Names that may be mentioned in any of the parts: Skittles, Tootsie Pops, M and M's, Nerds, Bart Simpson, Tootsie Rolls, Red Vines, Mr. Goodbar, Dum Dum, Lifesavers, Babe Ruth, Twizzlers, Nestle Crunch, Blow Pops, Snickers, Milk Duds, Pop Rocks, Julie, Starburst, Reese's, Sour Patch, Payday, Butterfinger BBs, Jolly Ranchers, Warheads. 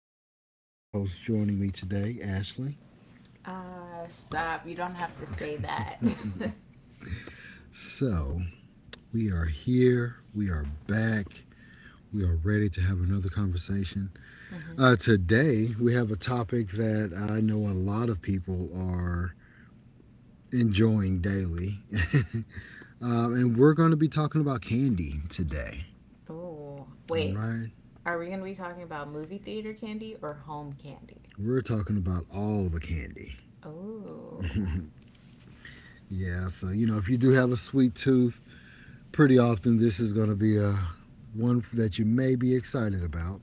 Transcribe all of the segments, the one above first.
unique co host joining me today, Ashley. Stop. You don't have to say that. So, we are here, we are back, we are ready to have another conversation. Mm-hmm. Today, we have a topic that I know a lot of people are enjoying daily. And we're going to be talking about candy today. Oh, All wait. right. Are we going to be talking about movie theater candy or home candy? We're talking about all the candy. Oh. Yeah. So, you know, if you do have a sweet tooth, pretty often this is going to be a one that you may be excited about.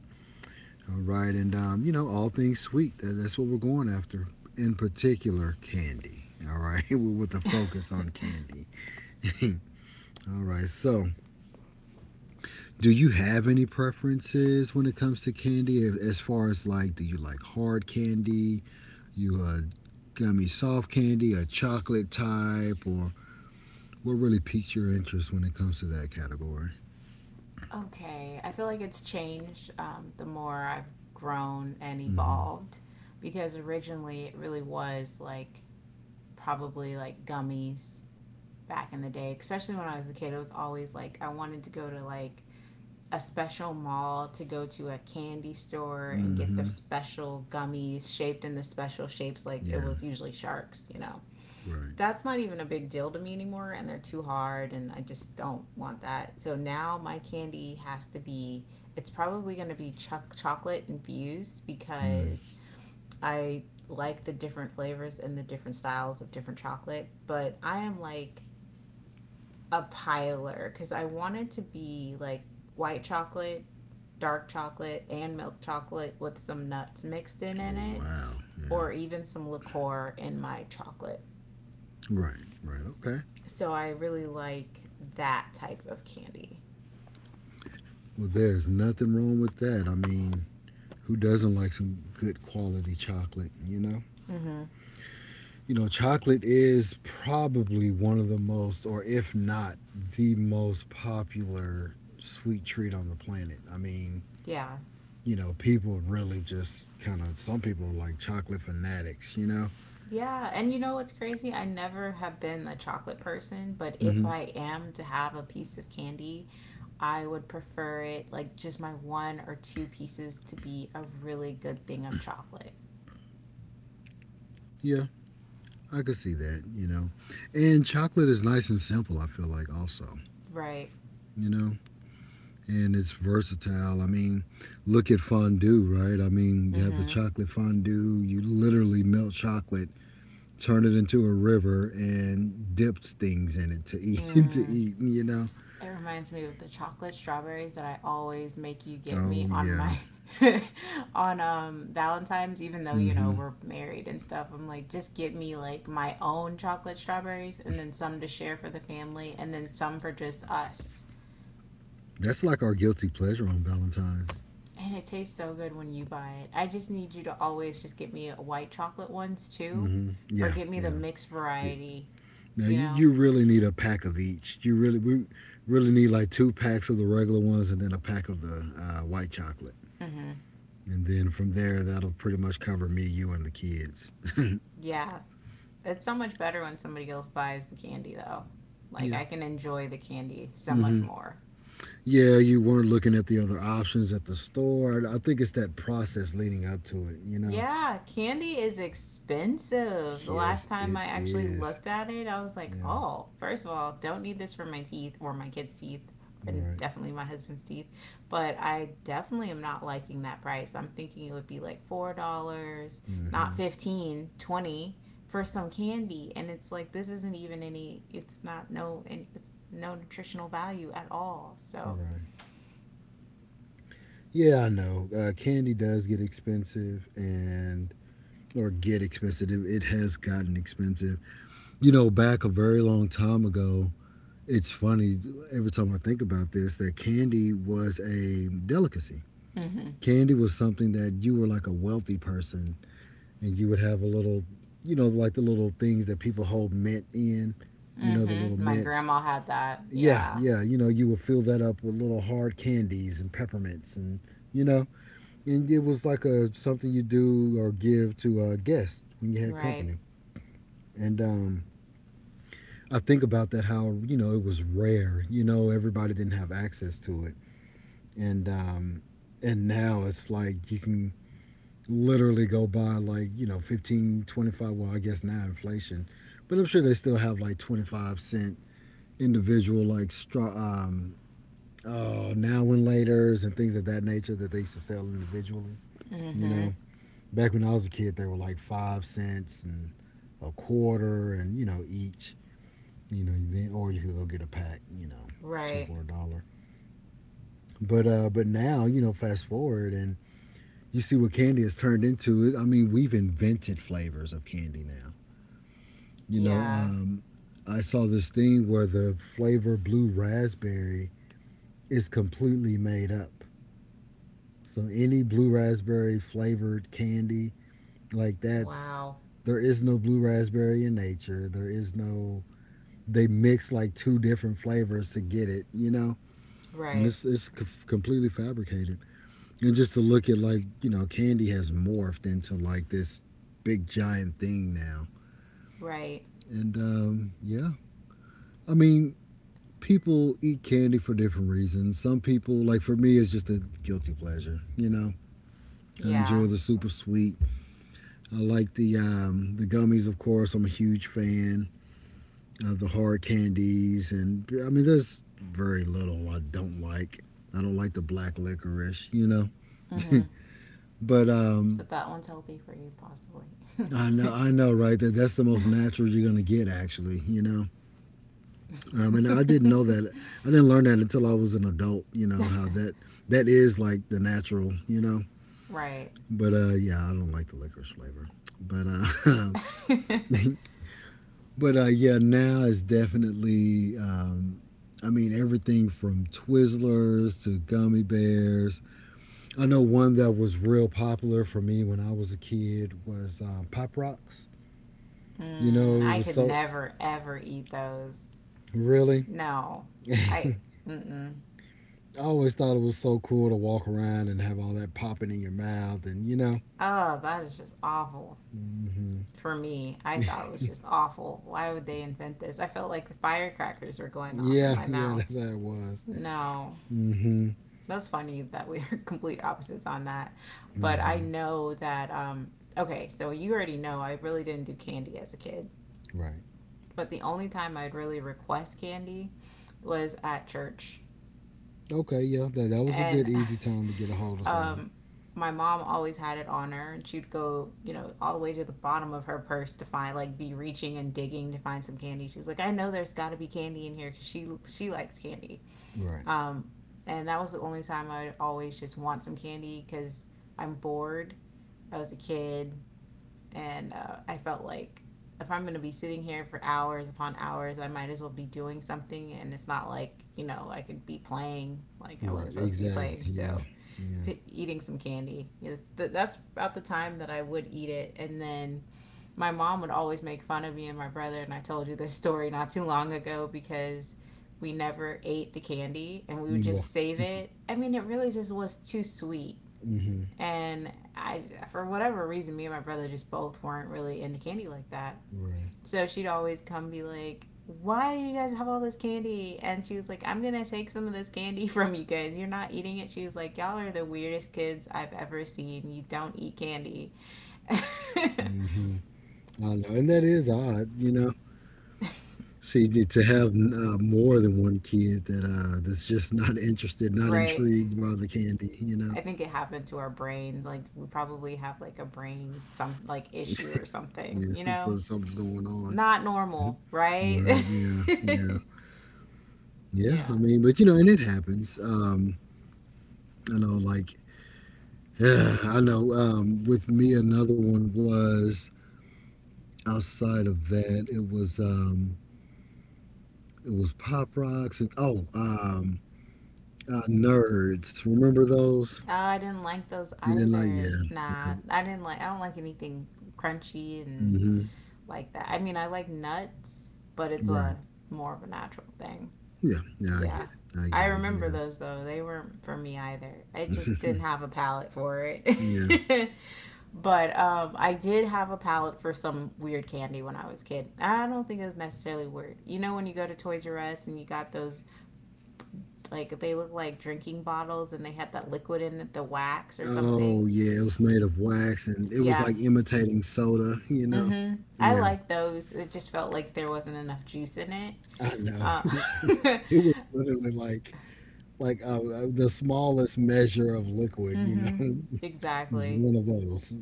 All right. And, you know, all things sweet. That's what we're going after, in particular, candy. All right. With a focus on candy. All right. So, do you have any preferences when it comes to candy? As far as like, do you like hard candy? You a gummy soft candy, a chocolate type, or what really piques your interest when it comes to that category? Okay, I feel like it's changed, the more I've grown and Mm-hmm. evolved, because originally it really was like probably like gummies back in the day, especially when I was a kid. It was always like I wanted to go to like a special mall to go to a candy store and get the Mm-hmm. special gummies shaped in the special shapes, like it was Yeah. usually sharks, Right. That's not even a big deal to me anymore, and they're too hard and I just don't want that. So now my candy has to be, it's probably going to be chuck chocolate infused, Mm. because I like the different flavors and the different styles of different chocolate, but I am like a piler because I want it to be like white chocolate, dark chocolate, and milk chocolate with some nuts mixed in Oh in it, wow. Yeah. or even some liqueur in my chocolate. Right. Right. Okay. So I really like that type of candy. Well, there's nothing wrong with that. I mean, who doesn't like some good quality chocolate? You know. Mm-hmm. You know, chocolate is probably one of the most, or if not the most popular sweet treat on the planet. I mean, Yeah. you know, people really just kind of, some people are like chocolate fanatics, you know? Yeah, and you know what's crazy? I never have been a chocolate person, but if Hmm. I am to have a piece of candy, I would prefer it, like, just my one or two pieces to be a really good thing of chocolate, Yeah, I could see that, you know? And chocolate is nice and simple, I feel like, also, right? you know? And it's versatile. I mean, look at fondue, right? I mean, you have the Mm-hmm. chocolate fondue, you literally melt chocolate turn it into a river and dips things in it to eat to Mm. eat. It reminds me of the chocolate strawberries that I always make you get me Oh on yeah. my on Valentine's, even though you know Mm-hmm. we're married and stuff. I'm like, just get me like my own chocolate strawberries, and then some to share for the family, and then some for just us. That's like our guilty pleasure on Valentine's. And it tastes so good when you buy it. I just need you to always just get me a white chocolate ones too, Mm-hmm. or Yeah, get me the yeah. mixed Yeah. variety. Now You you, know. you really need a pack of each you really we really need like two packs of the regular ones and then a pack of the white chocolate Mm-hmm. and then from there that'll pretty much cover me you and the kids. Yeah. It's so much better when somebody else buys the candy, though. Like, Yeah. I can enjoy the candy so much Mm-hmm. more. Yeah, you weren't looking at the other options at the store. I think it's that process leading up to it, you know? Yeah, candy is expensive. The Yes, last time I it actually is. looked at it, I was like, Yeah, oh, first of all, don't need this for my teeth or my kids' teeth, and right. definitely my husband's teeth. But I definitely am not liking that price. I'm thinking it would be like $4, not Mm-hmm. 15, 20 for some candy. And it's like, this isn't even any, it's not, no, and it's no nutritional value at all. So, Right. Yeah, I know. Candy does get expensive and or get expensive. It has gotten expensive. You know, back a very long time ago. It's funny every time I think about this that candy was a delicacy. mm hmm. Candy was something that you were like a wealthy person and you would have a little, you know, like the little things that people hold mint in, you Mm know, the little hmm. My mints. grandma had that. Yeah, Yeah. yeah. You know, you would fill that up with little hard candies and peppermints, and you know, and it was like a something you do or give to a guest when you had Right. company. And I think about that how you know it was rare. You know, everybody didn't have access to it, and um, and now it's like you can literally go buy like you know 15, 25. Well, I guess now inflation, but I'm sure they still have like 25 cent individual like straw now and laters and things of that nature that they used to sell individually. Mm You hmm. know, back when I was a kid, they were like 5 cents and a quarter, and you know each. You know, then or you could go get a pack. You know, two Right. for a dollar. But now you know, fast forward and you see what candy has turned into. I mean, we've invented flavors of candy now. You know, Yeah. I saw this thing where the flavor blue raspberry is completely made up. So any blue raspberry flavored candy, like that's Wow. there is no blue raspberry in nature. There is no they mix like two different flavors to get it, you know. And Right. it's completely fabricated. And just to look at like you know, candy has morphed into like this big giant thing now. Right. And Yeah, I mean, people eat candy for different reasons. Some people like for me, it's just a guilty pleasure. You know, I enjoy Yeah. the super sweet. I like the gummies, of course. I'm a huge fan of the hard candies, and I mean, there's very little I don't like. I don't like the black licorice, you know. Mm-hmm. but That that one's healthy for you, possibly. I know, right? That that's the most natural you're gonna get, actually. You know, and I didn't know that. I didn't learn that until I was an adult. You know how that that is like the natural. You know, Right. but yeah, I don't like the licorice flavor. But uh, But yeah, now it's definitely. I mean, everything from Twizzlers to gummy bears. I know one that was real popular for me when I was a kid was Pop Rocks. You know, Mm, it I was could so never ever eat those. really. No. I. Mm-mm. I always thought it was so cool to walk around and have all that popping in your mouth, and you know, Oh, that is just awful hmm for me. I thought it was just awful. Why would they invent this? I felt like the firecrackers were going off in yeah, my yeah, mouth. that's how it was. No. Hmm. That's funny that we're complete opposites on that. But I Hmm. know that, okay, so you already know I really didn't do candy as a kid. Right. But the only time I'd really request candy was at church. Okay. Yeah, that that was a And good easy time to get a hold of some. um, my mom always had it on her. And she'd go, you know, all the way to the bottom of her purse to find, like, be reaching and digging to find some candy. She's like, I know there's got to be candy in here, because she likes candy. Right. Um, and that was the only time I would always just want some candy, because I'm bored. I was a kid, and I felt like if I'm going to be sitting here for hours upon hours, I might as well be doing something. And it's not like, you know, I could be playing. Like, I Right, wasn't supposed to be exactly. playing. Yeah, So, yeah, eating some candy. Is, that's about the time that I would eat it. And then my mom would always make fun of me and my brother, and I told you this story not too long ago because we never ate the candy and we would yeah. just save it. I mean, it really just was too sweet. Hmm. And I, for whatever reason, me and my brother just both weren't really into candy like that. Right. So she'd always come be like, why do you guys have all this candy? And she was like, I'm gonna take some of this candy from you guys, you're not eating it. She was like, y'all are the weirdest kids I've ever seen, you don't eat candy. Hmm. I know, and that is odd, you know. See, to have more than one kid that that's just not interested, not Right. intrigued by the candy, you know. I think it happened to our brain. Like, we probably have like a brain, some like issue or something, Yeah, you so know? something's going on. Not Mhm. normal, right? Right. Yeah. Yeah. Yeah. Yeah. I mean, but you know, and it happens. I know, like, I know. With me, another one was outside of that. It was. It was Pop Rocks and oh, Nerds. Remember those? Oh, I didn't like those You didn't like? either. Yeah, yeah. Nah, I didn't like, I don't like anything crunchy and Hmm. like that. I mean, I like nuts, but it's a Right. more of a natural thing. Yeah, yeah. I get Yeah. it. I I get it. remember those though. They weren't for me either. I Yeah, just didn't have a palate for yeah. it. But I did have a palate for some weird candy when I was a kid. I don't think it was necessarily weird. You know, when you go to Toys R Us and you got those, like, they look like drinking bottles and they had that liquid in it, the wax or something. Oh, yeah. It was made of wax, and it was Yeah. like imitating soda. You know? Hmm. I Yeah, like those. It just felt like there wasn't enough juice in it. I know. Uh, It was literally like the smallest measure of liquid. You know, hmm. it was Exactly. one of those.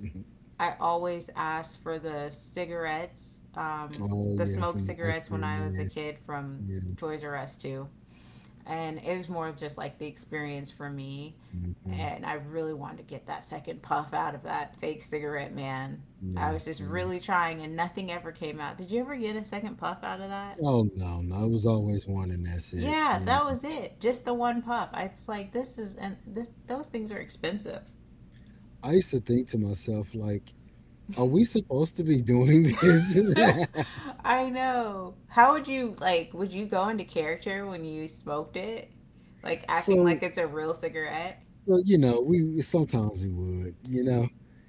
I always asked for the cigarettes, Oh the yeah, smoked from the ice cigarettes when cream I was a man. kid from Yeah. Toys R Us too. And it was more just like the experience for me, Hmm. and I really wanted to get that second puff out of that fake cigarette, man. I Yeah. was just Yeah. really trying and nothing ever came out. Did you ever get a second puff out of that? Oh no, no, it was always one and that's it. Yeah, You that know, was it, just the one puff. It's like, this is, and this those things are expensive. I used to think to myself like, are we supposed to be doing this? I know, how would you, like, would you go into character when you smoked it, like acting like So, it's a real cigarette? so you know, we sometimes we would, you know,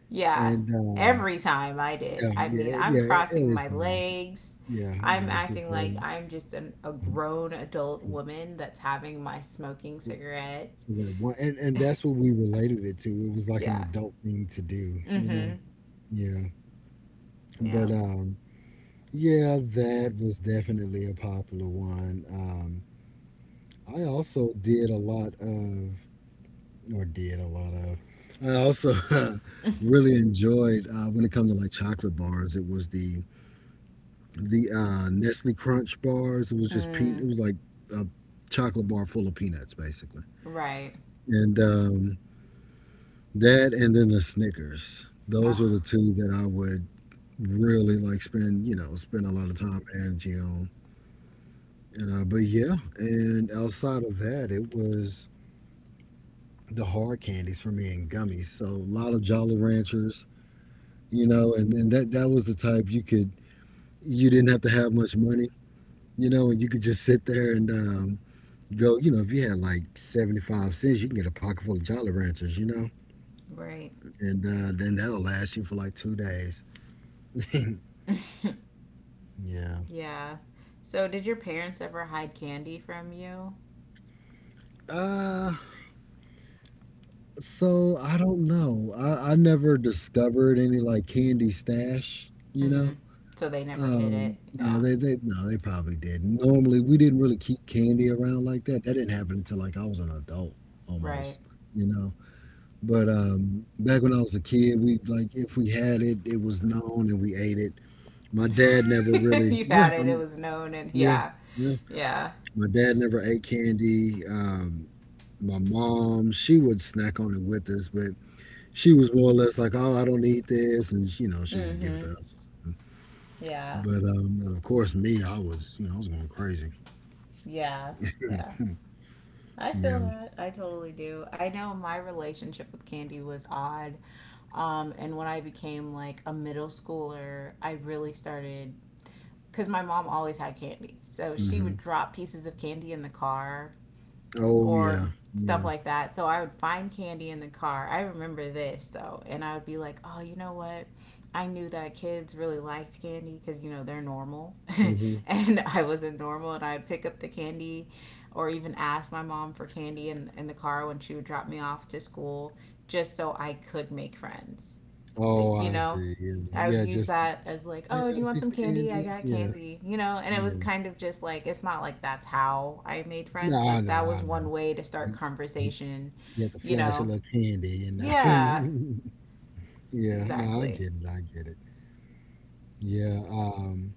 Yeah, and every time I did. yeah, I mean, yeah, I'm yeah, crossing every my time, legs. yeah, I'm yeah, it's just, acting like I'm just a grown adult for- woman that's having my smoking for- cigarette. for that one, and that's what we related it to. It was like an Yeah. adult thing to do, you Mm-hmm. know. Yeah, but Yeah. Yeah, that was definitely a popular one. I also did a lot of, or did a lot of. I also really enjoyed when it comes to like chocolate bars. It was the Nestle Crunch bars. It was just peanut. Mm. It was like a chocolate bar full of peanuts, basically. Right. And That, and then the Snickers. Those were Oh, the two that I would really like spend, you know, spend a lot of time and energy on. But yeah, and outside of that, it was the hard candies for me and gummies. So a lot of Jolly Ranchers, you know, and that that was the type you could you didn't have to have much money, you know, and you could just sit there and go, you know, if you had like 75 cents, you can get a pocket full of Jolly Ranchers, you know, right. and then that'll last you for like 2 days. Yeah. Yeah. So, did your parents ever hide candy from you? Uh, so I don't know. I never discovered any like candy stash, you Mm-hmm. know. So they never hid it. No, Yeah, they no, they probably did. Normally, we didn't really keep candy around like that. That didn't happen until like I was an adult right. almost, you know. But Back when I was a kid, we like if we had it, it was known and we ate it. My dad never really, You yeah, had it, it was known, and yeah, yeah, yeah. yeah. My dad never ate candy. My mom, she would snack on it with us, but she was more or less like, "Oh, I don't need this," and you know, she would give it Mm-hmm. to us. Yeah. But Of course, me, I was, you know, I was going crazy. Yeah, yeah. I feel Yeah. that. I totally do. I know my relationship with candy was odd. And when I became like a middle schooler, I really started, because my mom always had candy. So she Hmm. would drop pieces of candy in the car Oh or yeah. stuff Yeah. like that. So I would find candy in the car. I remember this though, and I would be like, oh, you know what? I knew that kids really liked candy because you know they're normal, Hmm. and I wasn't normal. And I'd pick up the candy, or even ask my mom for candy in the car when she would drop me off to school, just so I could make friends, Oh, like, you I know, see. Yeah. I would Yeah use just that as like, yeah, oh, do you got a want some piece of candy, I candy. got Yeah. candy, you know. And it was Yeah. kind of just like, it's not like that's how I made No, friends, I but know. that was I one know. way to start You, you, conversation, you have to you flash a know. little candy, you Yeah, know. Yeah. No, I exactly. get it. I get it. Yeah.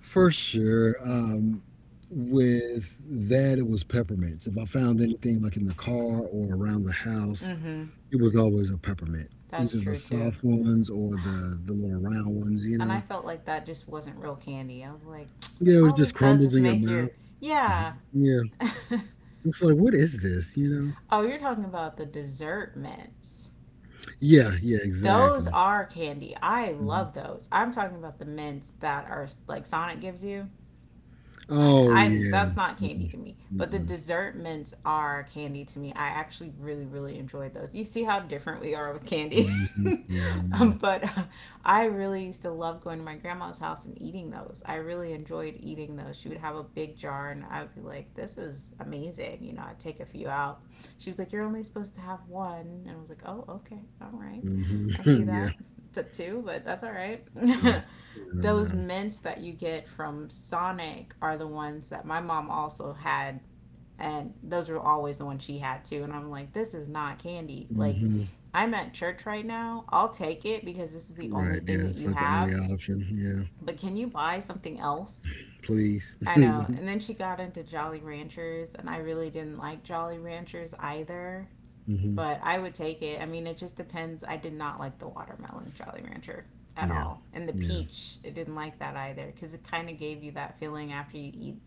For sure. With that, it was peppermints. If I found anything like in the car or around the house, Mm-hmm. it was always a peppermint, That's either the true too. soft ones or the little round ones, you And I know? felt like that just wasn't real candy. I was like, Yeah, it all just this does crumbles is in your make your, mouth. yeah. Mhm. Yeah. It's like, what is this, you know? Oh, you're talking about the dessert mints. Yeah, yeah, Those exactly. are candy. I Mhm. love those. I'm talking about the mints that are like Sonic gives you. I, Oh, I yeah. that's not candy Mm-mm. to me, but the Mm-mm. dessert mints are candy to me. I actually really really enjoyed those. You see how different we are with candy. Mhm. Yeah, I know. but I really used to love going to my grandma's house and eating those. I really enjoyed eating those. She would have a big jar, and I would be like, "This is amazing," you know. I'd take a few out. She was like, "You're only supposed to have one," and I was like, "Oh, okay, all right, Mhm. I see Yeah, that." Took two, but that's all right. no. Yeah, I Those know. mints that you get from Sonic are the ones that my mom also had. And those were always the ones she had too. And I'm like, this is not candy. Like, Mhm. I'm at church right now. I'll take it because this is the only Right, yeah, thing that that's you like the only have. option. Yeah. But can you buy something else? Please. I know. mm And then she got into Jolly Ranchers, and I really didn't like Jolly Ranchers either, Mhm. but I would take it. I mean, it just depends. I did not like the watermelon Jolly Rancher at Yeah. all, and the Yeah. peach. I didn't like that either because it kind of gave you that feeling after you eat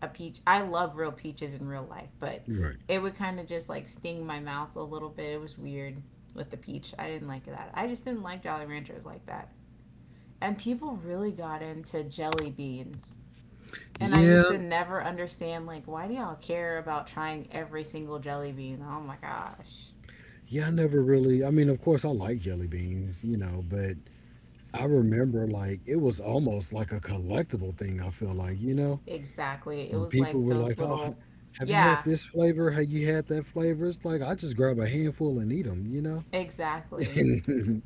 a peach. I love real peaches in real life, but You're right. it would kind of just like sting my mouth a little bit. It was weird with the peach. I didn't like that. I just didn't like Jolly Ranchers like that. And people really got into jelly beans. And I Yeah, used to never understand like why do y'all care about trying every single jelly bean? Oh my gosh. yeah, I never really. I mean, of course, I like jelly beans, you know, but I remember like it was almost like a collectible thing. I feel like, you know, Exactly. It and was people like were those like, "Oh, little, have you had yeah, this flavor? Have you had that flavor?" It's like I just grab a handful and eat them, you know. exactly. And-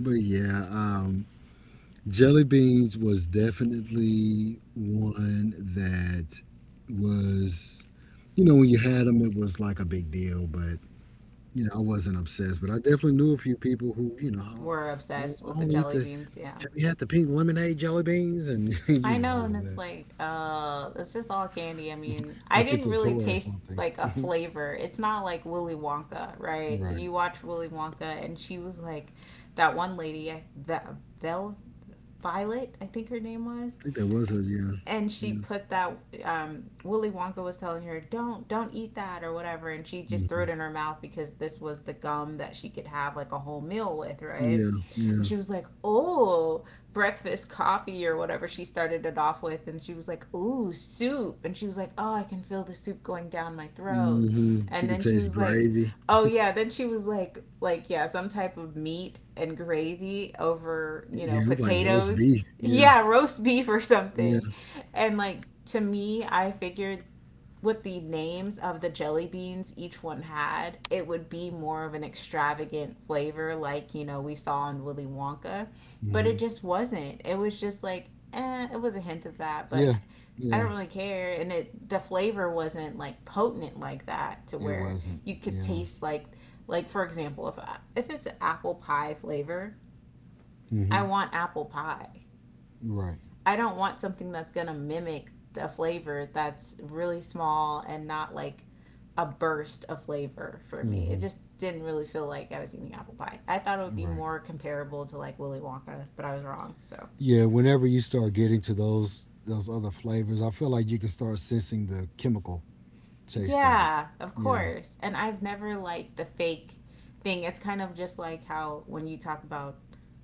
but yeah, jelly beans was definitely one that was, you know, when you had them, it was like a big deal, but you know, I wasn't obsessed, but I definitely knew a few people who, you know, oh, We're obsessed oh, I with the don't eat jelly the. beans. Yeah. Have you had the pink lemonade jelly beans? And you I know, all know, and of it's that, like, it's just all candy. I mean, I like it's didn't a really toy or taste something. like a flavor. It's not like Willy Wonka, right? Right. You I watch Willy Wonka, and she was like, that one lady, I- Ve- Vel Violet, I think her name was. think that was a And she yeah, put that Willy Wonka was telling her don't eat that or whatever, and she just threw hmm it in her mouth because this was the gum that she could have like a whole meal with, right? yeah, And yeah. she was like, oh, breakfast coffee or whatever she started it off with. And she was like, ooh, soup. And she was like, oh, I can feel the soup going down my throat. hmm She And could then she taste was like, gravy. oh yeah. Then she was like, yeah, some type of meat and gravy over, you know, Yeah, it was like roast potatoes. beef. Yeah, Yeah, roast beef or yeah, something. And like, to me, I figured with the names of the jelly beans each one had, it would be more of an extravagant flavor, like we saw in Willy Wonka, but hmm it just wasn't. It was just like, eh, it was a hint of that, yeah, but I yeah. don't really care. And it the flavor wasn't like potent like that to It where wasn't. you could Yeah. taste like for example, if it's an apple pie flavor, hmm I want apple pie. Right. I don't want something that's gonna mimic the flavor that's really small and not like a burst of flavor for me. It hmm just didn't really feel like I was eating apple pie. I thought it would be Right. more comparable to like Willy Wonka, but I was wrong. So, Yeah, whenever you start getting to those other flavors, I feel like you can start sensing the chemical taste of it. yeah, of Yeah. course. And I've never liked the fake thing. It's kind of just like how when you talk about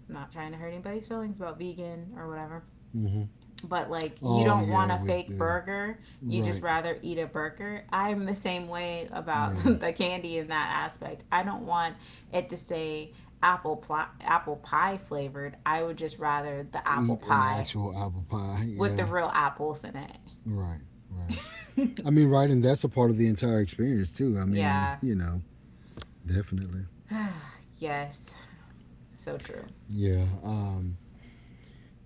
I'm not trying to hurt anybody's feelings about vegan or whatever, hmm but like you Oh don't yeah, want a with fake the burger, you just right. rather eat a burger. I'm the same way about Yeah. the candy in that aspect. I don't want it to say apple pie flavored. I would just rather the apple Eat an pie actual apple pie. with the Yeah. real apples in it. Right. Right. I mean, right, and that's a part of the entire experience too. I mean, Yeah. you know, definitely. Yes. So true. Yeah.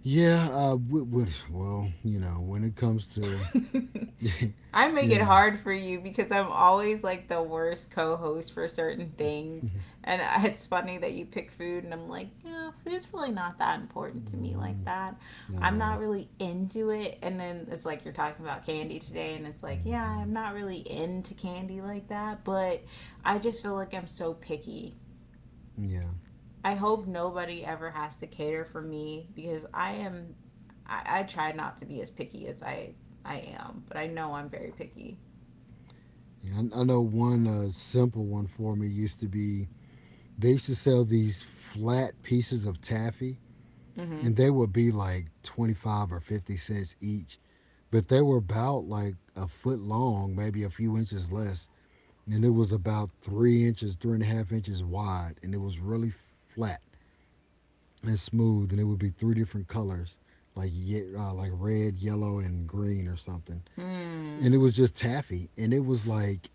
Yeah. Well, you know, when it comes to, I make it you know, hard for you because I'm always like the worst co host for certain things. And it's funny that you pick food, and I'm like, yeah, food's really not that important to me like hmm that. I I'm not know. really into it. And then it's like you're talking about candy today, and it's like, yeah, Hmm I'm not really into candy like that, but I just feel like I'm so picky. Yeah. I hope nobody ever has to cater for me because I am, I try not to be as picky as I am, but I know I'm very picky. Yeah, I know one simple one for me used to be they used to sell these flat pieces of taffy, Mm-hmm. and they would be like 25 or 50 cents each, but they were about like a foot long, maybe a few inches less, and it was about 3 inches, three and a half inches wide, and it was really flat and smooth, and it would be three different colors. Like like red, yellow, and green or something, and Mm, it was just taffy, and it was like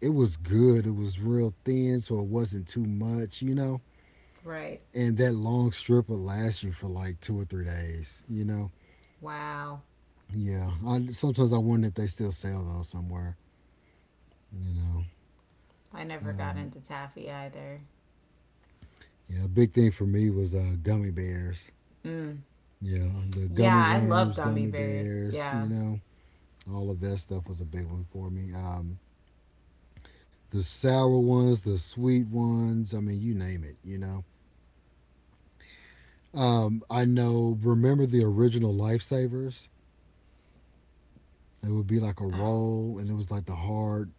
it was good. It was real thin, so it wasn't too much, you know. right. And that long strip will last you for like 2 or 3 days, you know. Wow. Yeah, sometimes I wonder if they still sell those somewhere, you know. I never got Um, into taffy either. yeah, a big thing for me was gummy bears. Mm. Yeah, the Yeah, gummy I love worms, gummy gummy bears. bears, Yeah. you know, all of that stuff was a big one for me. The sour ones, the sweet ones, I mean, you name it, you know. I know, remember the original Lifesavers? It would be like a roll, and it was like the hard,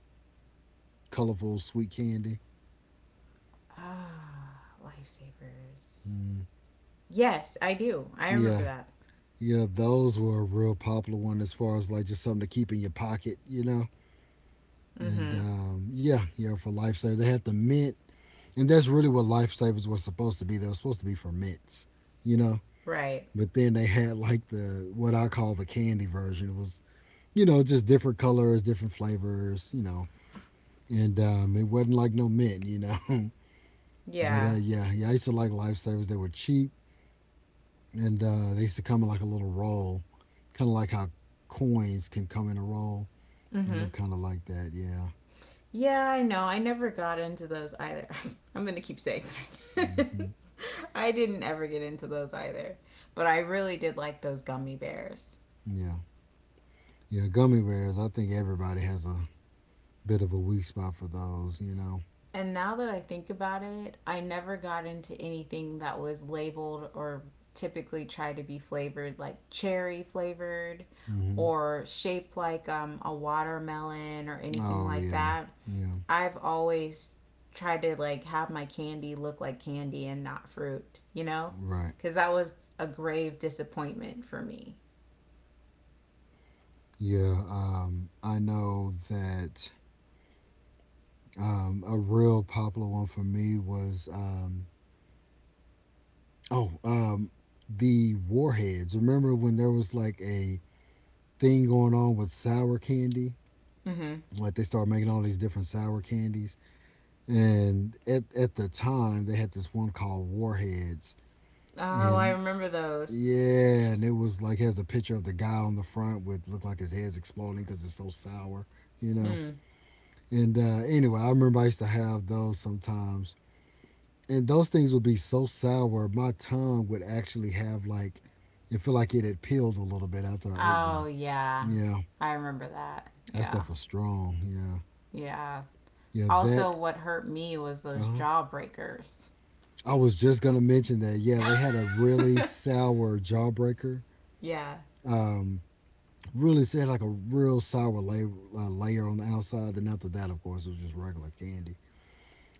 colorful, sweet candy. Ah, lifesavers. Mm. Yes, I do. I remember Yeah, that. yeah, those were a real popular one as far as like just something to keep in your pocket, you know. And Mm-hmm. Yeah, yeah, for Lifesavers, they had the mint, and that's really what Lifesavers was supposed to be. They were supposed to be for mints, you know. Right. But then they had like the what I call the candy version. It was you know just different colors, different flavors, you know. And it wasn't like no mint, you know. but Yeah. yeah, yeah, I used to like Lifesavers. They were cheap and they used to come in like a little roll, kind of like how coins can come in a roll. It Mm-hmm. looked kind of like that, yeah. Yeah, I know. I never got into those either. I'm gonna keep saying that. hmm I didn't ever get into those either. But I really did like those gummy bears. Yeah. Yeah, gummy bears, I think everybody has a bit of a weak spot for those, you know. And now that I think about it, I never got into anything that was labeled or typically tried to be flavored like cherry flavored Hmm or shaped like a watermelon or anything Oh, like yeah. that. Yeah, I've always tried to like have my candy look like candy and not fruit, you know? right. Because that was a grave disappointment for me. Yeah, I know that a real popular one for me was, oh, um, the Warheads. Remember when there was like a thing going on with sour candy? Mm-hmm. Like they started making all these different sour candies, and at the time they had this one called Warheads, Oh, I and remember those. yeah, and it was like has the picture of the guy on the front with look like his head's exploding because it's so sour, you know. Mm. And anyway, I remember I used to have those sometimes, and those things would be so sour, my tongue would actually have like it felt like it had peeled a little bit after I ate Oh, one. yeah. Yeah, I remember that. that Yeah. stuff was strong. Yeah, Yeah. yeah, that. Also, what hurt me was those Uh jawbreakers. I was just gonna mention that. Yeah, they had a really sour jawbreaker. Yeah. Um, really said like a real sour layer, layer on the outside. Then after that, of course, it was just regular candy.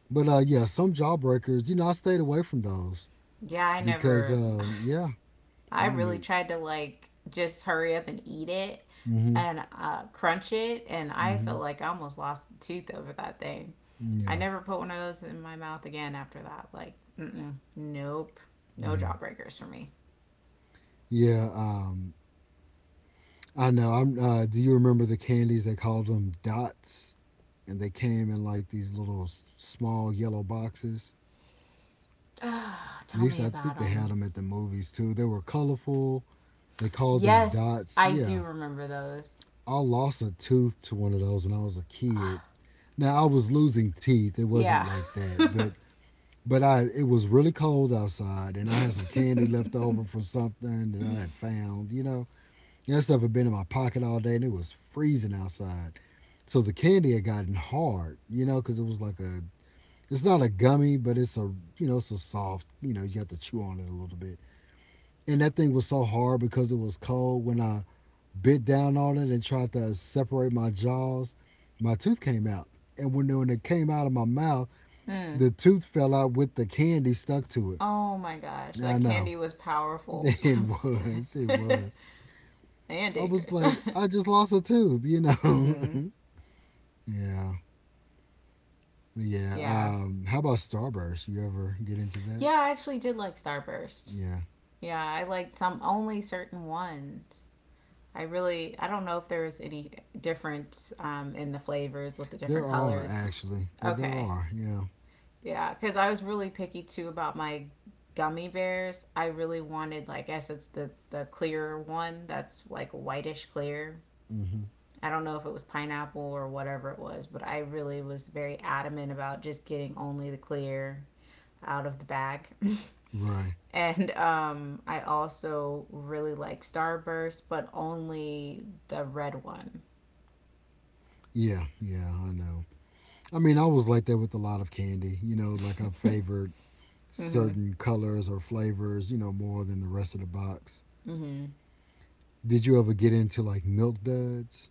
But yeah, some jawbreakers. You know, I stayed away from those Yeah, I because never. Yeah, I you really meant. tried to like just hurry up and eat it Mm-hmm. and crunch it, and I Mm-hmm. feel like I almost lost a tooth over that thing. mm, I yeah. never put one of those in my mouth again after that. Like, mm-mm, nope, no Yeah. jawbreakers for me. Yeah. I know. I'm. Do you remember the candies? They called them Dots, and they came in like these little small yellow boxes. Ah, They tell used me to, I about think they had them. them at the movies too. They were colorful. They called them Yes, Dots. I Yeah. do remember those. I lost a tooth to one of those when I was a kid. Ah, Now I was losing teeth. It wasn't yeah. like that, but I it was really cold outside and I had some candy left over from something that I had found, you know. That stuff had been in my pocket all day and it was freezing outside. So the candy had gotten hard, you know, cuz it was like a it's not a gummy, but it's a you know, it's a soft, you know, you have to chew on it a little bit. And that thing was so hard because it was cold. When I bit down on it and tried to separate my jaws, my tooth came out. And when it came out of my mouth, Mm. the tooth fell out with the candy stuck to Oh my gosh, it. I that know. candy was powerful It was. It was. and I was dangerous. like, I just lost a tooth, you know? Mm-hmm. yeah. Yeah. Yeah. How about Starburst? You ever get into that? Yeah, I actually did like Starburst. Yeah. Yeah, I liked some only certain ones. I really I don't know if there was any different in the flavors with the There different are, colors. actually. There, Okay. are. Yeah. Yeah, because I was really picky too about my gummy bears. I really wanted, like, I guess it's the clear one that's like whitish clear, hmm I don't know if it was pineapple or whatever it was, but I really was very adamant about just getting only the clear out of the bag. Right. And I also really like Starburst, but only the red one. Yeah. Yeah. I know. I mean, I was like that with a lot of candy. You know, like I favored Mm-hmm. certain colors or flavors, you know, more than the rest of the box. Mm-hmm. Did you ever get into like Milk Duds?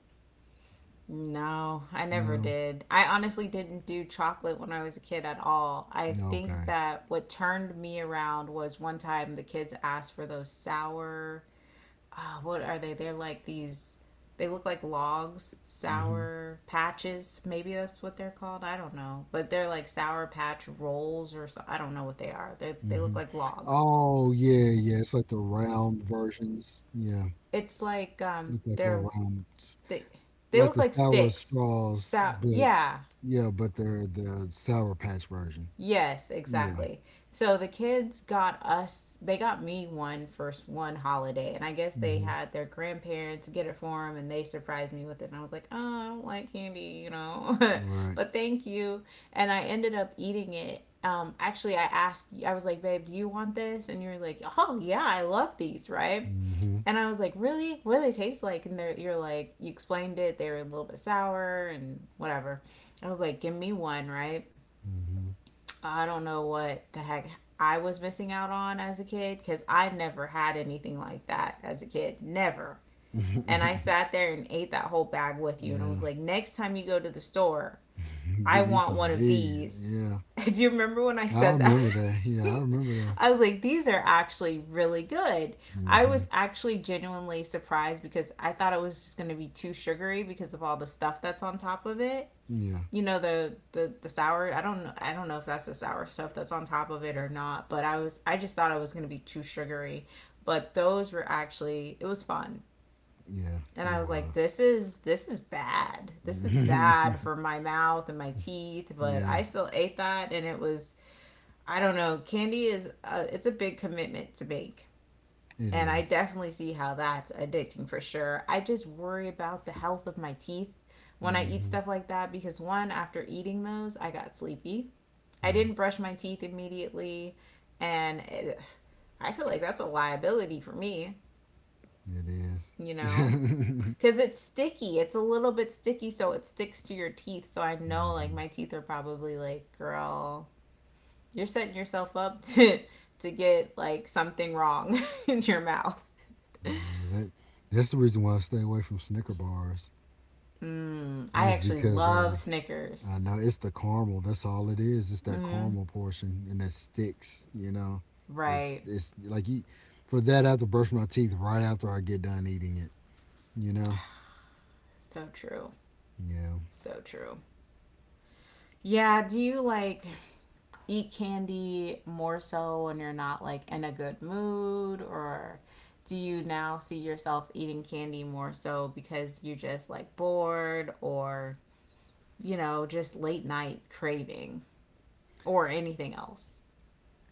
No, I never No. did. I honestly didn't do chocolate when I was a kid at all. I No. think Okay. that what turned me around was one time the kids asked for those sour what are they? They're like these. They look like logs, Mhm. sour patches. Maybe that's what they're called. I don't know, but they're like sour patch rolls or so. I don't know what they are. They look Mhm. like logs. Oh yeah, yeah. It's like the round versions. Yeah, It's like look like they're little round, they they like look the like sour sticks. straws, So but yeah, yeah, but they're the sour patch version. yes, Yeah. exactly. So the kids got us, they got me one first one holiday, and I guess they Mhm. had their grandparents get it for them, and they surprised me with it. And I was like, oh, I don't like candy, you know, Right. but thank you. And I ended up eating it. Actually, I asked, I was like, babe, do you want this? And you're like, oh, yeah, I love these, right? Mhm. And I was like, really? What do they taste like? And they're, you're like, you explained it. They were a little bit sour and whatever. I was like, give me one, right? Mhm. I don't know what the heck I was missing out on as a kid because I never had anything like that as a kid. Never. And I sat there and ate that whole bag with you. And I was yeah. like, next time you go to the store, I Give me want some one of of these. these. Yeah. Do you remember when I I said that? remember that. Yeah, I remember that. I was like, these are actually really good. I Hmm was actually genuinely surprised because I thought it was just going to be too sugary because of all the stuff that's on top of it, Yeah. you know, the the sour, I don't know if that's the sour stuff that's on top of it or not, but I just thought it was going to be too sugary. But those were actually, it was fun. Yeah. And It I was like, was. this is bad, this is bad for my mouth and my teeth, but yeah, I still ate that, and it was, I don't know, candy is, it's a big commitment to make, it and I is. definitely see how that's addicting for sure. I just worry about the health of my teeth when I eat Mm-hmm. stuff like that because, one, after eating those, I got sleepy. I Yeah, didn't brush my teeth immediately. And it, I feel like that's a liability for me, it is. you know? mm-hmm. Because it's sticky. It's a little bit sticky, so it sticks to your teeth. So I know, like, my I teeth are probably like, girl, you're setting yourself up to get like something wrong in your mouth. know that. That's the reason why I stay away from Snicker bars. Mm, I Is actually because love I Snickers. know it's the caramel. That's all it is. It's that Mm, caramel portion, and that sticks. You know, it's right. it's like you. For that, I have to brush my teeth right after I get done eating it. You know, So true. yeah. So true. Yeah, do you like eat candy more so when you're not like in a good mood, or do you now see yourself eating candy more so because you're just like bored, or you know, just late night craving or anything else?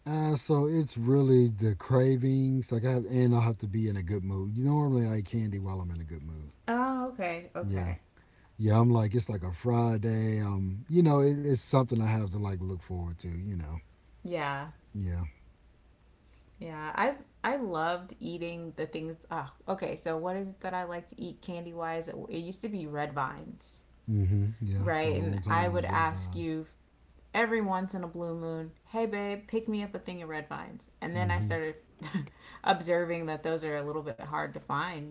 So it's really the cravings. Like I have, and I'll have to be in a good mood. You normally I eat candy while I'm in a good mood. Oh, okay. Yeah. Okay. Yeah. I'm like it's like a Friday. You know, it's something I have to like look forward to. You know. Yeah. Yeah. Yeah, I loved eating the things. Oh, okay, so what is it that I like to eat candy wise? It used to be red vines, Mm-hmm. Yeah. For right? a And long I time, it would was red ask vines. you every once in a blue moon, "Hey babe, pick me up a thing of red vines." And then I Mm-hmm. started observing that those are a little bit hard to find,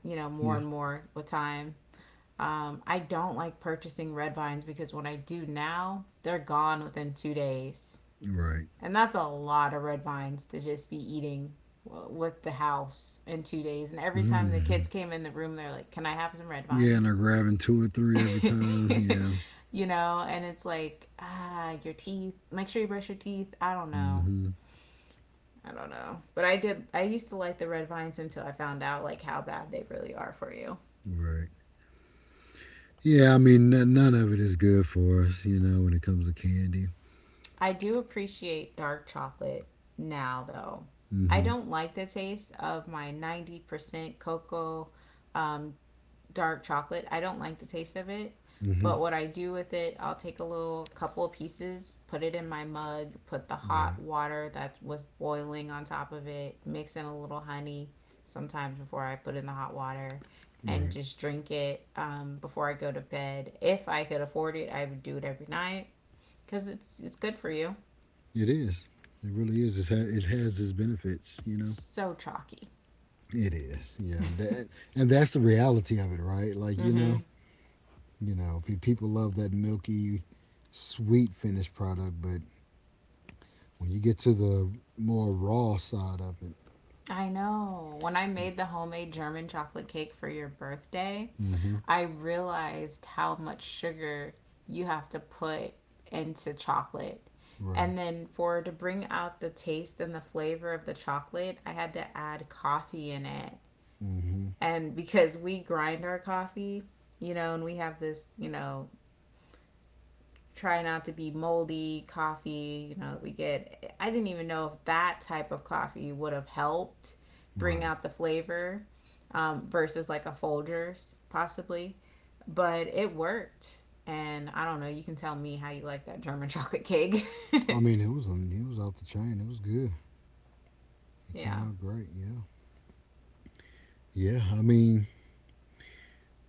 you know, Yeah. more and more with time. I don't like purchasing red vines because when I do now, they're gone within 2 days. Right. And that's a lot of red vines to just be eating with the house in 2 days. And every time the Mm-hmm. kids came in the room, they're like, "Can I have some red Yeah, and they're vines?" grabbing two or three every time. Yeah. And it's like, ah, your teeth. Make sure you brush your teeth. I don't know. Mm-hmm. I don't know. But I used to like the red vines until I found out like how bad they really are for you. Right. Yeah. I mean, none of it is good for us. You know, when it comes to candy. I do appreciate dark chocolate now though. I Mm-hmm. don't like the taste of my 90% cocoa um, dark chocolate. I don't like the taste of it. Mm-hmm. But what I do with it, I'll take a little couple of pieces, put it in my mug, put the hot Right. water that was boiling on top of it, mix in a little honey sometimes before I put in the hot water, and Right. just drink it before I go to bed. If I could afford it, I would do it every night because it's good for you. It is. It really is. It has its benefits, you It's know. so chalky. It is. Yeah. That and that's the reality of it, right? Like Mm-hmm. You know, people love that milky, sweet finished product, but when you get to the more raw side of it, I know. When I made the homemade German chocolate cake for your birthday, mm-hmm. I realized how much sugar you have to put into chocolate. Right. And then for to bring out the taste and the flavor of the chocolate, I had to add coffee in it. Mm-hmm. And because we grind our coffee, you know, and we have this, you know, try not to be moldy coffee, you know, that we get. I didn't even know if that type of coffee would have helped bring Right. out the flavor versus like a Folgers, possibly. But it worked. And I don't know, you can tell me how you like that German chocolate cake. I mean, it was it was off the chain. It was good. It came Yeah. out great. Yeah. Yeah. I mean,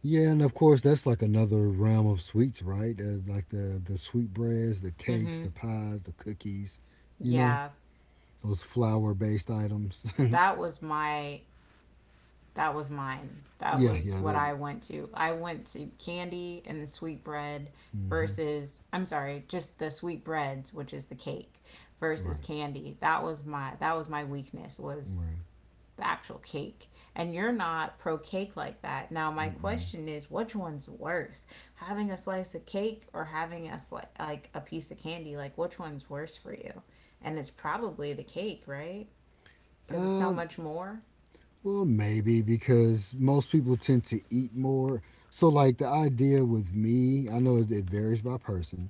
yeah, and of course that's like another realm of sweets, right? Like the sweet breads, the cakes, Mm-hmm. the pies, the cookies, you know, Yeah. those flour based items. That was my That was mine. That yeah, was yeah, what that. I went to. I went to candy and the sweet bread Hmm versus I'm sorry, just the sweet breads, which is the cake, versus right, candy. That was my weakness was right. the actual cake. And you're not pro cake like that. Now my Mm-mm. question is, which one's worse, having a slice of cake or having a like a piece of candy? Like which one's worse for you? And it's probably the cake, right? Because it's so Um, much more, well, maybe because most people tend to eat more. So, like the idea with me, I know it varies by person,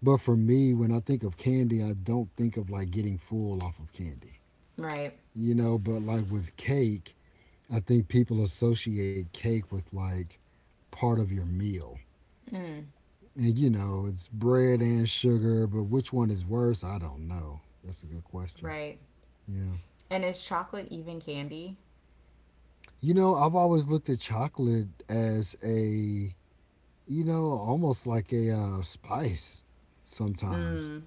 but for me, when I think of candy, I don't think of like getting full off of candy, right? you know. But like with cake I think people associate cake with like part of your meal. Mm, And you know, it's bread and sugar, but which one is worse? I don't know. That's a good question. right. Yeah. And is chocolate even candy? You know, I've always looked at chocolate as a, you know, almost like a spice sometimes, Mm,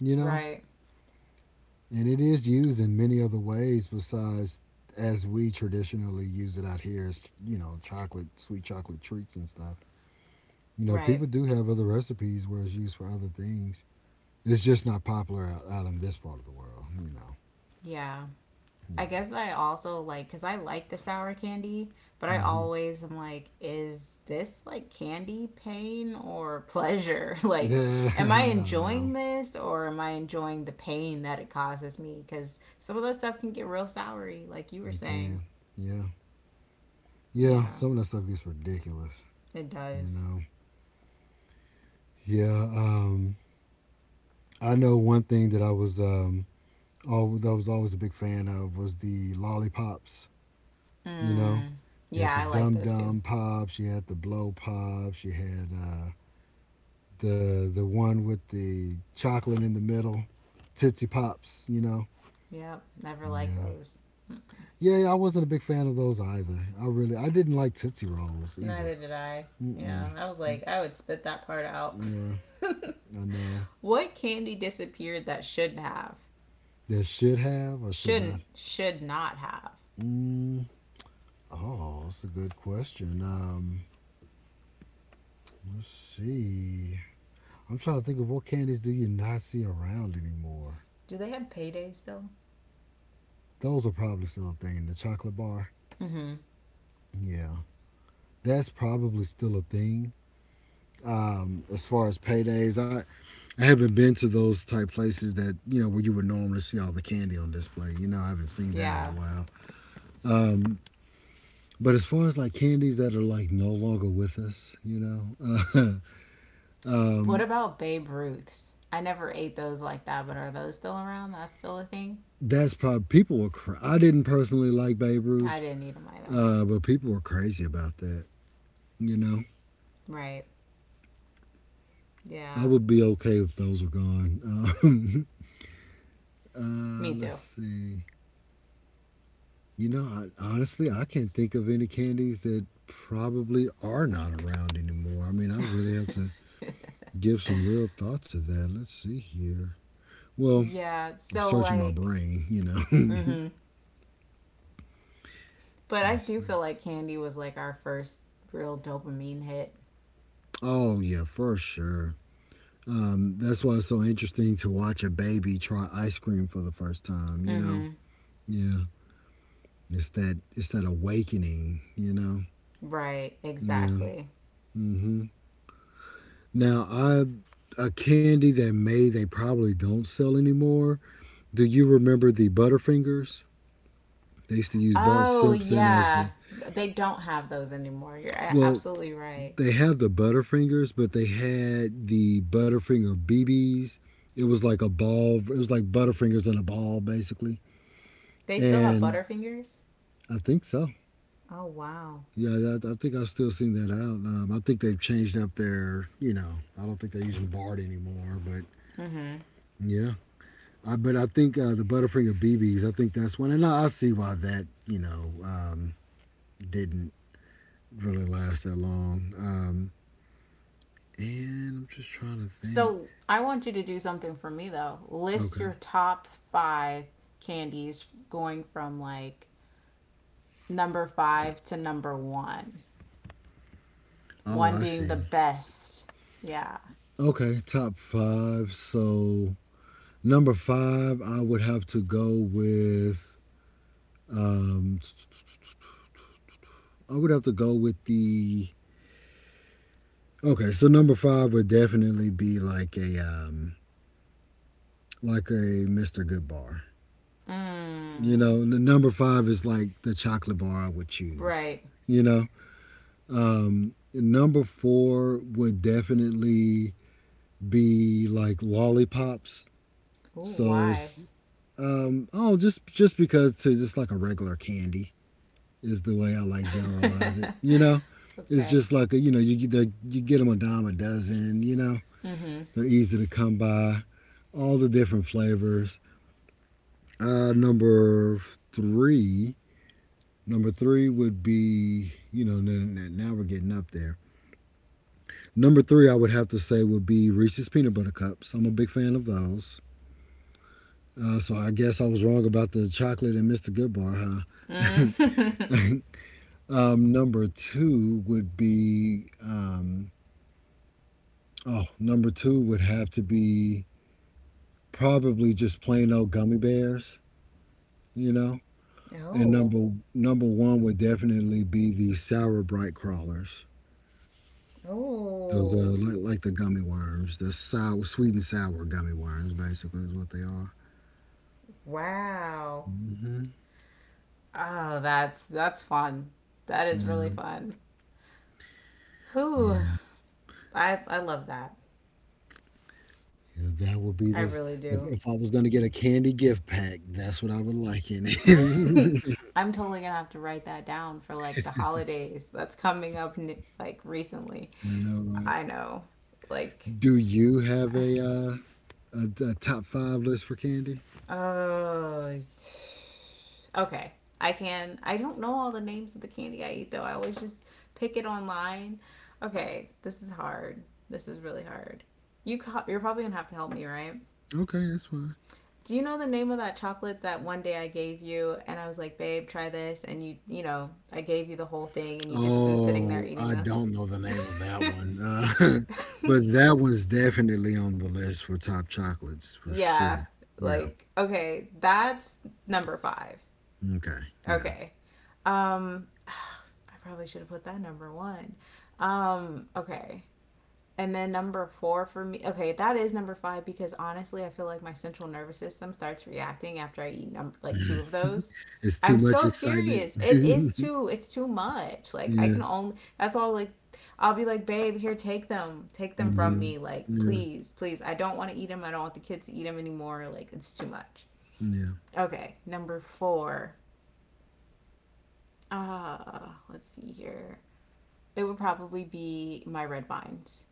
you know? right. And it is used in many other ways besides as we traditionally use it out here as, you know, chocolate, sweet chocolate treats and stuff. You know, Right. people do have other recipes where it's used for other things. It's just not popular out in this part of the world. You know. Yeah. I guess I also like because I like the sour candy, but Yeah. I Mm-hmm. always am like, is this like candy pain or pleasure? Like, Yeah. am I no, enjoying this or am I enjoying the pain that it causes me? Because some of that stuff can get real soury, like you were it saying. can. Yeah. Yeah. Yeah, Some of that stuff gets ridiculous. it You does. know. Yeah. I know one thing that I was. Oh, that I was always a big fan of was the lollipops. You know, Mm. you Yeah, had the I like dum those too. dum pops, you had the blow pops, you had the one with the chocolate in the middle. Tootsie Pops, you know? Yep, never like Yeah. those. Yeah, yeah, I wasn't a big fan of those either. I didn't like Tootsie Rolls either. Neither did I. Mm-mm. Yeah, I was like, I would spit that part out. Yeah, I know. What candy disappeared that should have? They should have or should not. Shouldn't, should not have. Mm. Oh, that's a good question. Let's see. I'm trying to think of what candies do you not see around anymore. Do they have paydays still? Those are probably still a thing. The chocolate bar. Mm-hmm. Yeah, that's probably still a thing. As far as paydays, I haven't been to those type places that you know where you would normally see all the candy on display. You know, I haven't seen that in a Yeah. while. But as far as like candies that are like no longer with us, What um, about Babe Ruth's? I never ate those like that, but are those still around? That's still a thing? that's probably people were. I didn't personally like Babe I Ruth, didn't eat them either. But people were crazy about that. You know, Right. I Yeah. would be okay if those were gone. Me let's too. see. You know, honestly, I can't think of any candies that probably are not around anymore. I mean, I'd really have to give some real thought to that. Let's see here. Well, Yeah. I'm searching my brain, you Mm know. hmm. But I Let's do see. feel like candy was like our first real dopamine hit. Oh, yeah, for sure. That's why it's so interesting to watch a baby try ice cream for the first time, you know? Mm-hmm. Yeah. It's that awakening, you know? Right. Yeah. Exactly. Mhm. Now, I A candy that may they probably don't sell anymore. Do you remember the Butterfingers? They used to use Bart Oh Simpson as yeah, the they don't have those anymore. You're well, absolutely right. they have the Butterfingers, but they had the Butterfinger BBs. It was like a ball. It was like Butterfingers in a ball, basically. They still have And Butterfingers. I think so. Oh wow. Yeah, I think I've still seen that out. I think they've changed up their, you know, I don't think they're using Bard anymore, but Mm-hmm. yeah. But I think the Butterfinger BBs, I think that's one. And I see why that, you know, didn't really last that long. And I'm just trying to think. So I want you to do something for me though. List Okay. your top five candies going from like number five to number one. Oh, One I being the see. best. Yeah. Okay, top five. So number five, I would have to go with. Um, I would have to go with the. Okay, so number five would definitely be like a Mr. Good bar. You Mm. know, the number five is like the chocolate bar I would choose. Right. You know, number four would definitely be like lollipops. Ooh, So why? Oh, just because to just like a regular candy. Is the way I like generalize it. You know, it's Okay. just like a, you know you get them a dime a dozen. You know, Mm-hmm. they're easy to come by. All the different flavors. Uh, three, number three would be you know now we're getting up there. Number three, I would have to say would be Reese's peanut butter cups. I'm a big fan of those. So I guess I was wrong about the chocolate and Mr. Goodbar, Mm. huh? Number two would be oh, number two would have to be probably just plain old gummy bears, you know. And Oh. number one would definitely be the sour bright crawlers. Those are Oh. Like the gummy worms, the sour, sweet and sour gummy worms, basically is what they are. Wow. Hmm. Oh, that's fun. That is really Yeah, fun. Whew. yeah, I love that. yeah. That would be I this. really If, do. if I was gonna get a candy gift pack, that's what I would like in it. I'm totally gonna have to write that down for like the holidays that's coming up like recently. I know, right? I know, like Do you have a top five list for candy? Uh, okay. I can. I don't know all the names of the candy I eat though. I always just pick it online. Okay, this is hard. This is really hard. You're probably gonna have to help me, right? Okay, that's fine. Do you know the name of that chocolate that one day I gave you and I was like, babe, try this, and you know I gave you the whole thing and you just been sitting there Oh, eating I this. don't know the name of that one, but that one's definitely on the list for top chocolates for Yeah, sure. Yeah. like okay, that's number five. Okay. Yeah. Okay, um, I probably should have put that number one. Okay. And then number four for me, okay, that is number five because honestly, I feel like my central nervous system starts reacting after I eat number like two of those. It's too I'm much so excitement. serious. It is too. It's too much. Like I yeah. can only. That's all. Like I'll be like, babe, here, take them from Hmm. me. Like Yeah. please, please. I don't want to eat them. I don't want the kids to eat them anymore. Like it's too much. Yeah. Okay, number four. Uh, let's see here. It would probably be my red vines.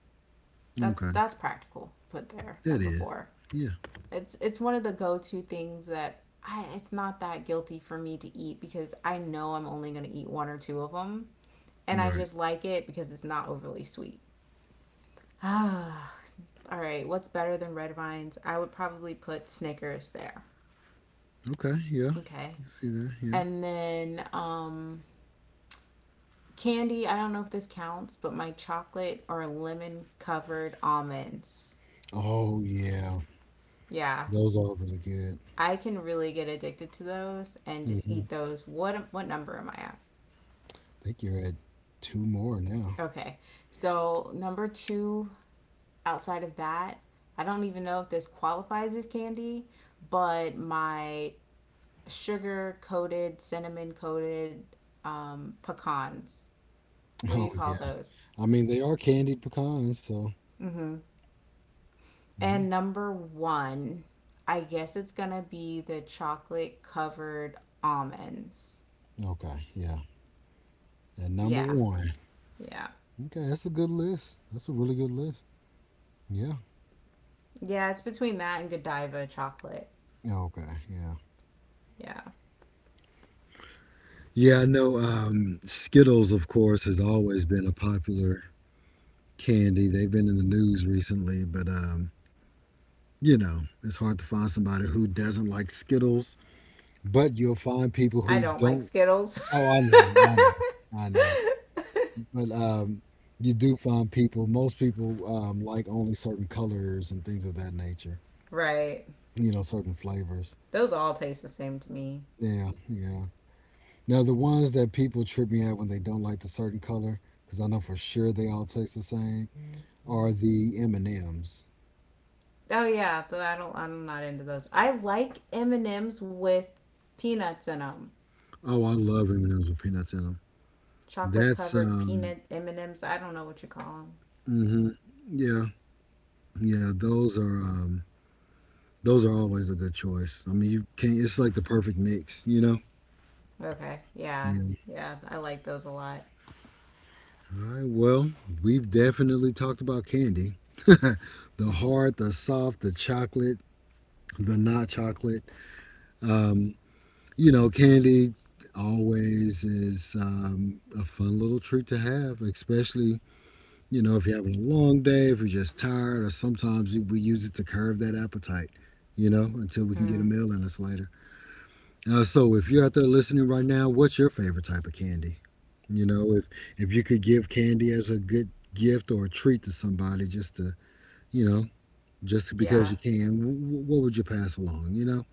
Okay. That's practical put there. That Number is. four. Yeah. It's one of the go-to things that I, it's not that guilty for me to eat because I know I'm only going to eat one or two of them, and I Right. just like it because it's not overly sweet. All right, what's better than red vines? I would probably put Snickers there. Okay. Yeah. Okay. I see that. Yeah. And then candy, I don't know if this counts, but my chocolate or lemon covered almonds. Oh yeah. Yeah, Those are really good. I can really get addicted to those and just eat Hmm. those. What number am I at? I think you're at two more now. Okay. So, number two outside of that, I don't even know if this qualifies as candy, but my sugar coated, cinnamon coated pecans. What do Oh you call yeah. those? I mean they are candied pecans, so Mm-hmm. yeah. And number one, I guess it's gonna be the chocolate covered almonds. Okay. Yeah. At number Yeah, one. yeah, Okay, that's a good list. That's a really good list. Yeah. yeah. It's between that and Godiva chocolate. Okay. Yeah. Yeah. Yeah, I know Skittles, of course, has always been a popular candy. They've been in the news recently, but you know, it's hard to find somebody who doesn't like Skittles. But you'll find people I who don't like don't. Skittles. Oh, I know. I know. I know. But you do find people. Most people like only certain colors and things of that nature. Right. You know, certain flavors. Those all taste the same to me. Yeah. Yeah. Now, the ones that people trip me out when they don't like the certain color, because I know for sure they all taste the same, are the M and M's. Oh yeah, I don't. I'm not into those. I like M and M's with peanuts in them, Oh, I love M and M's with peanuts in them. chocolate That's covered peanut M and M's. I don't know what you call them. hmm, yeah, yeah. Those are always a good choice. I mean, you can't. It's like the perfect mix, you know. Okay, yeah, Yeah. yeah, I like those a lot. All right. Well, we've definitely talked about candy. the hard, the soft, the chocolate, the not chocolate. Um, You know, candy always is a fun little treat to have, especially, you know, if you're having a long day, if you're just tired, or sometimes we use it to curb that appetite, you know, until we can get a Mm, meal in us later. So if you're out there listening right now, what's your favorite type of candy? You know, if you could give candy as a good gift or a treat to somebody just to, you know, just because yeah, you can, what would you pass along, you know?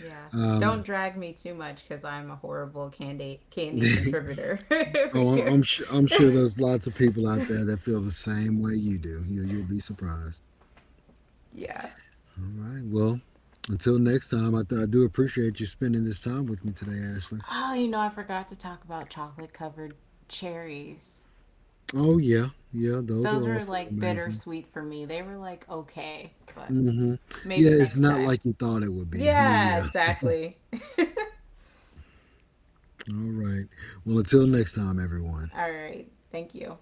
yeah. Um, Don't drag me too much because I'm a horrible candy contributor over oh, here. I'm sure. I'm sure there's lots of people out there that feel the same way you do. You'll be surprised. Yeah, All right. Well, until next time, I do appreciate you spending this time with me today, Ashley. oh, you know, I forgot to talk about chocolate covered cherries. Oh yeah, yeah. Those are Those were also like amazing. bittersweet for me. They were like okay, but Mm-hmm. maybe Yeah, it's next not time. like you thought it would be, but Yeah, yeah. exactly. All right. Well, until next time, everyone. All right. Thank you.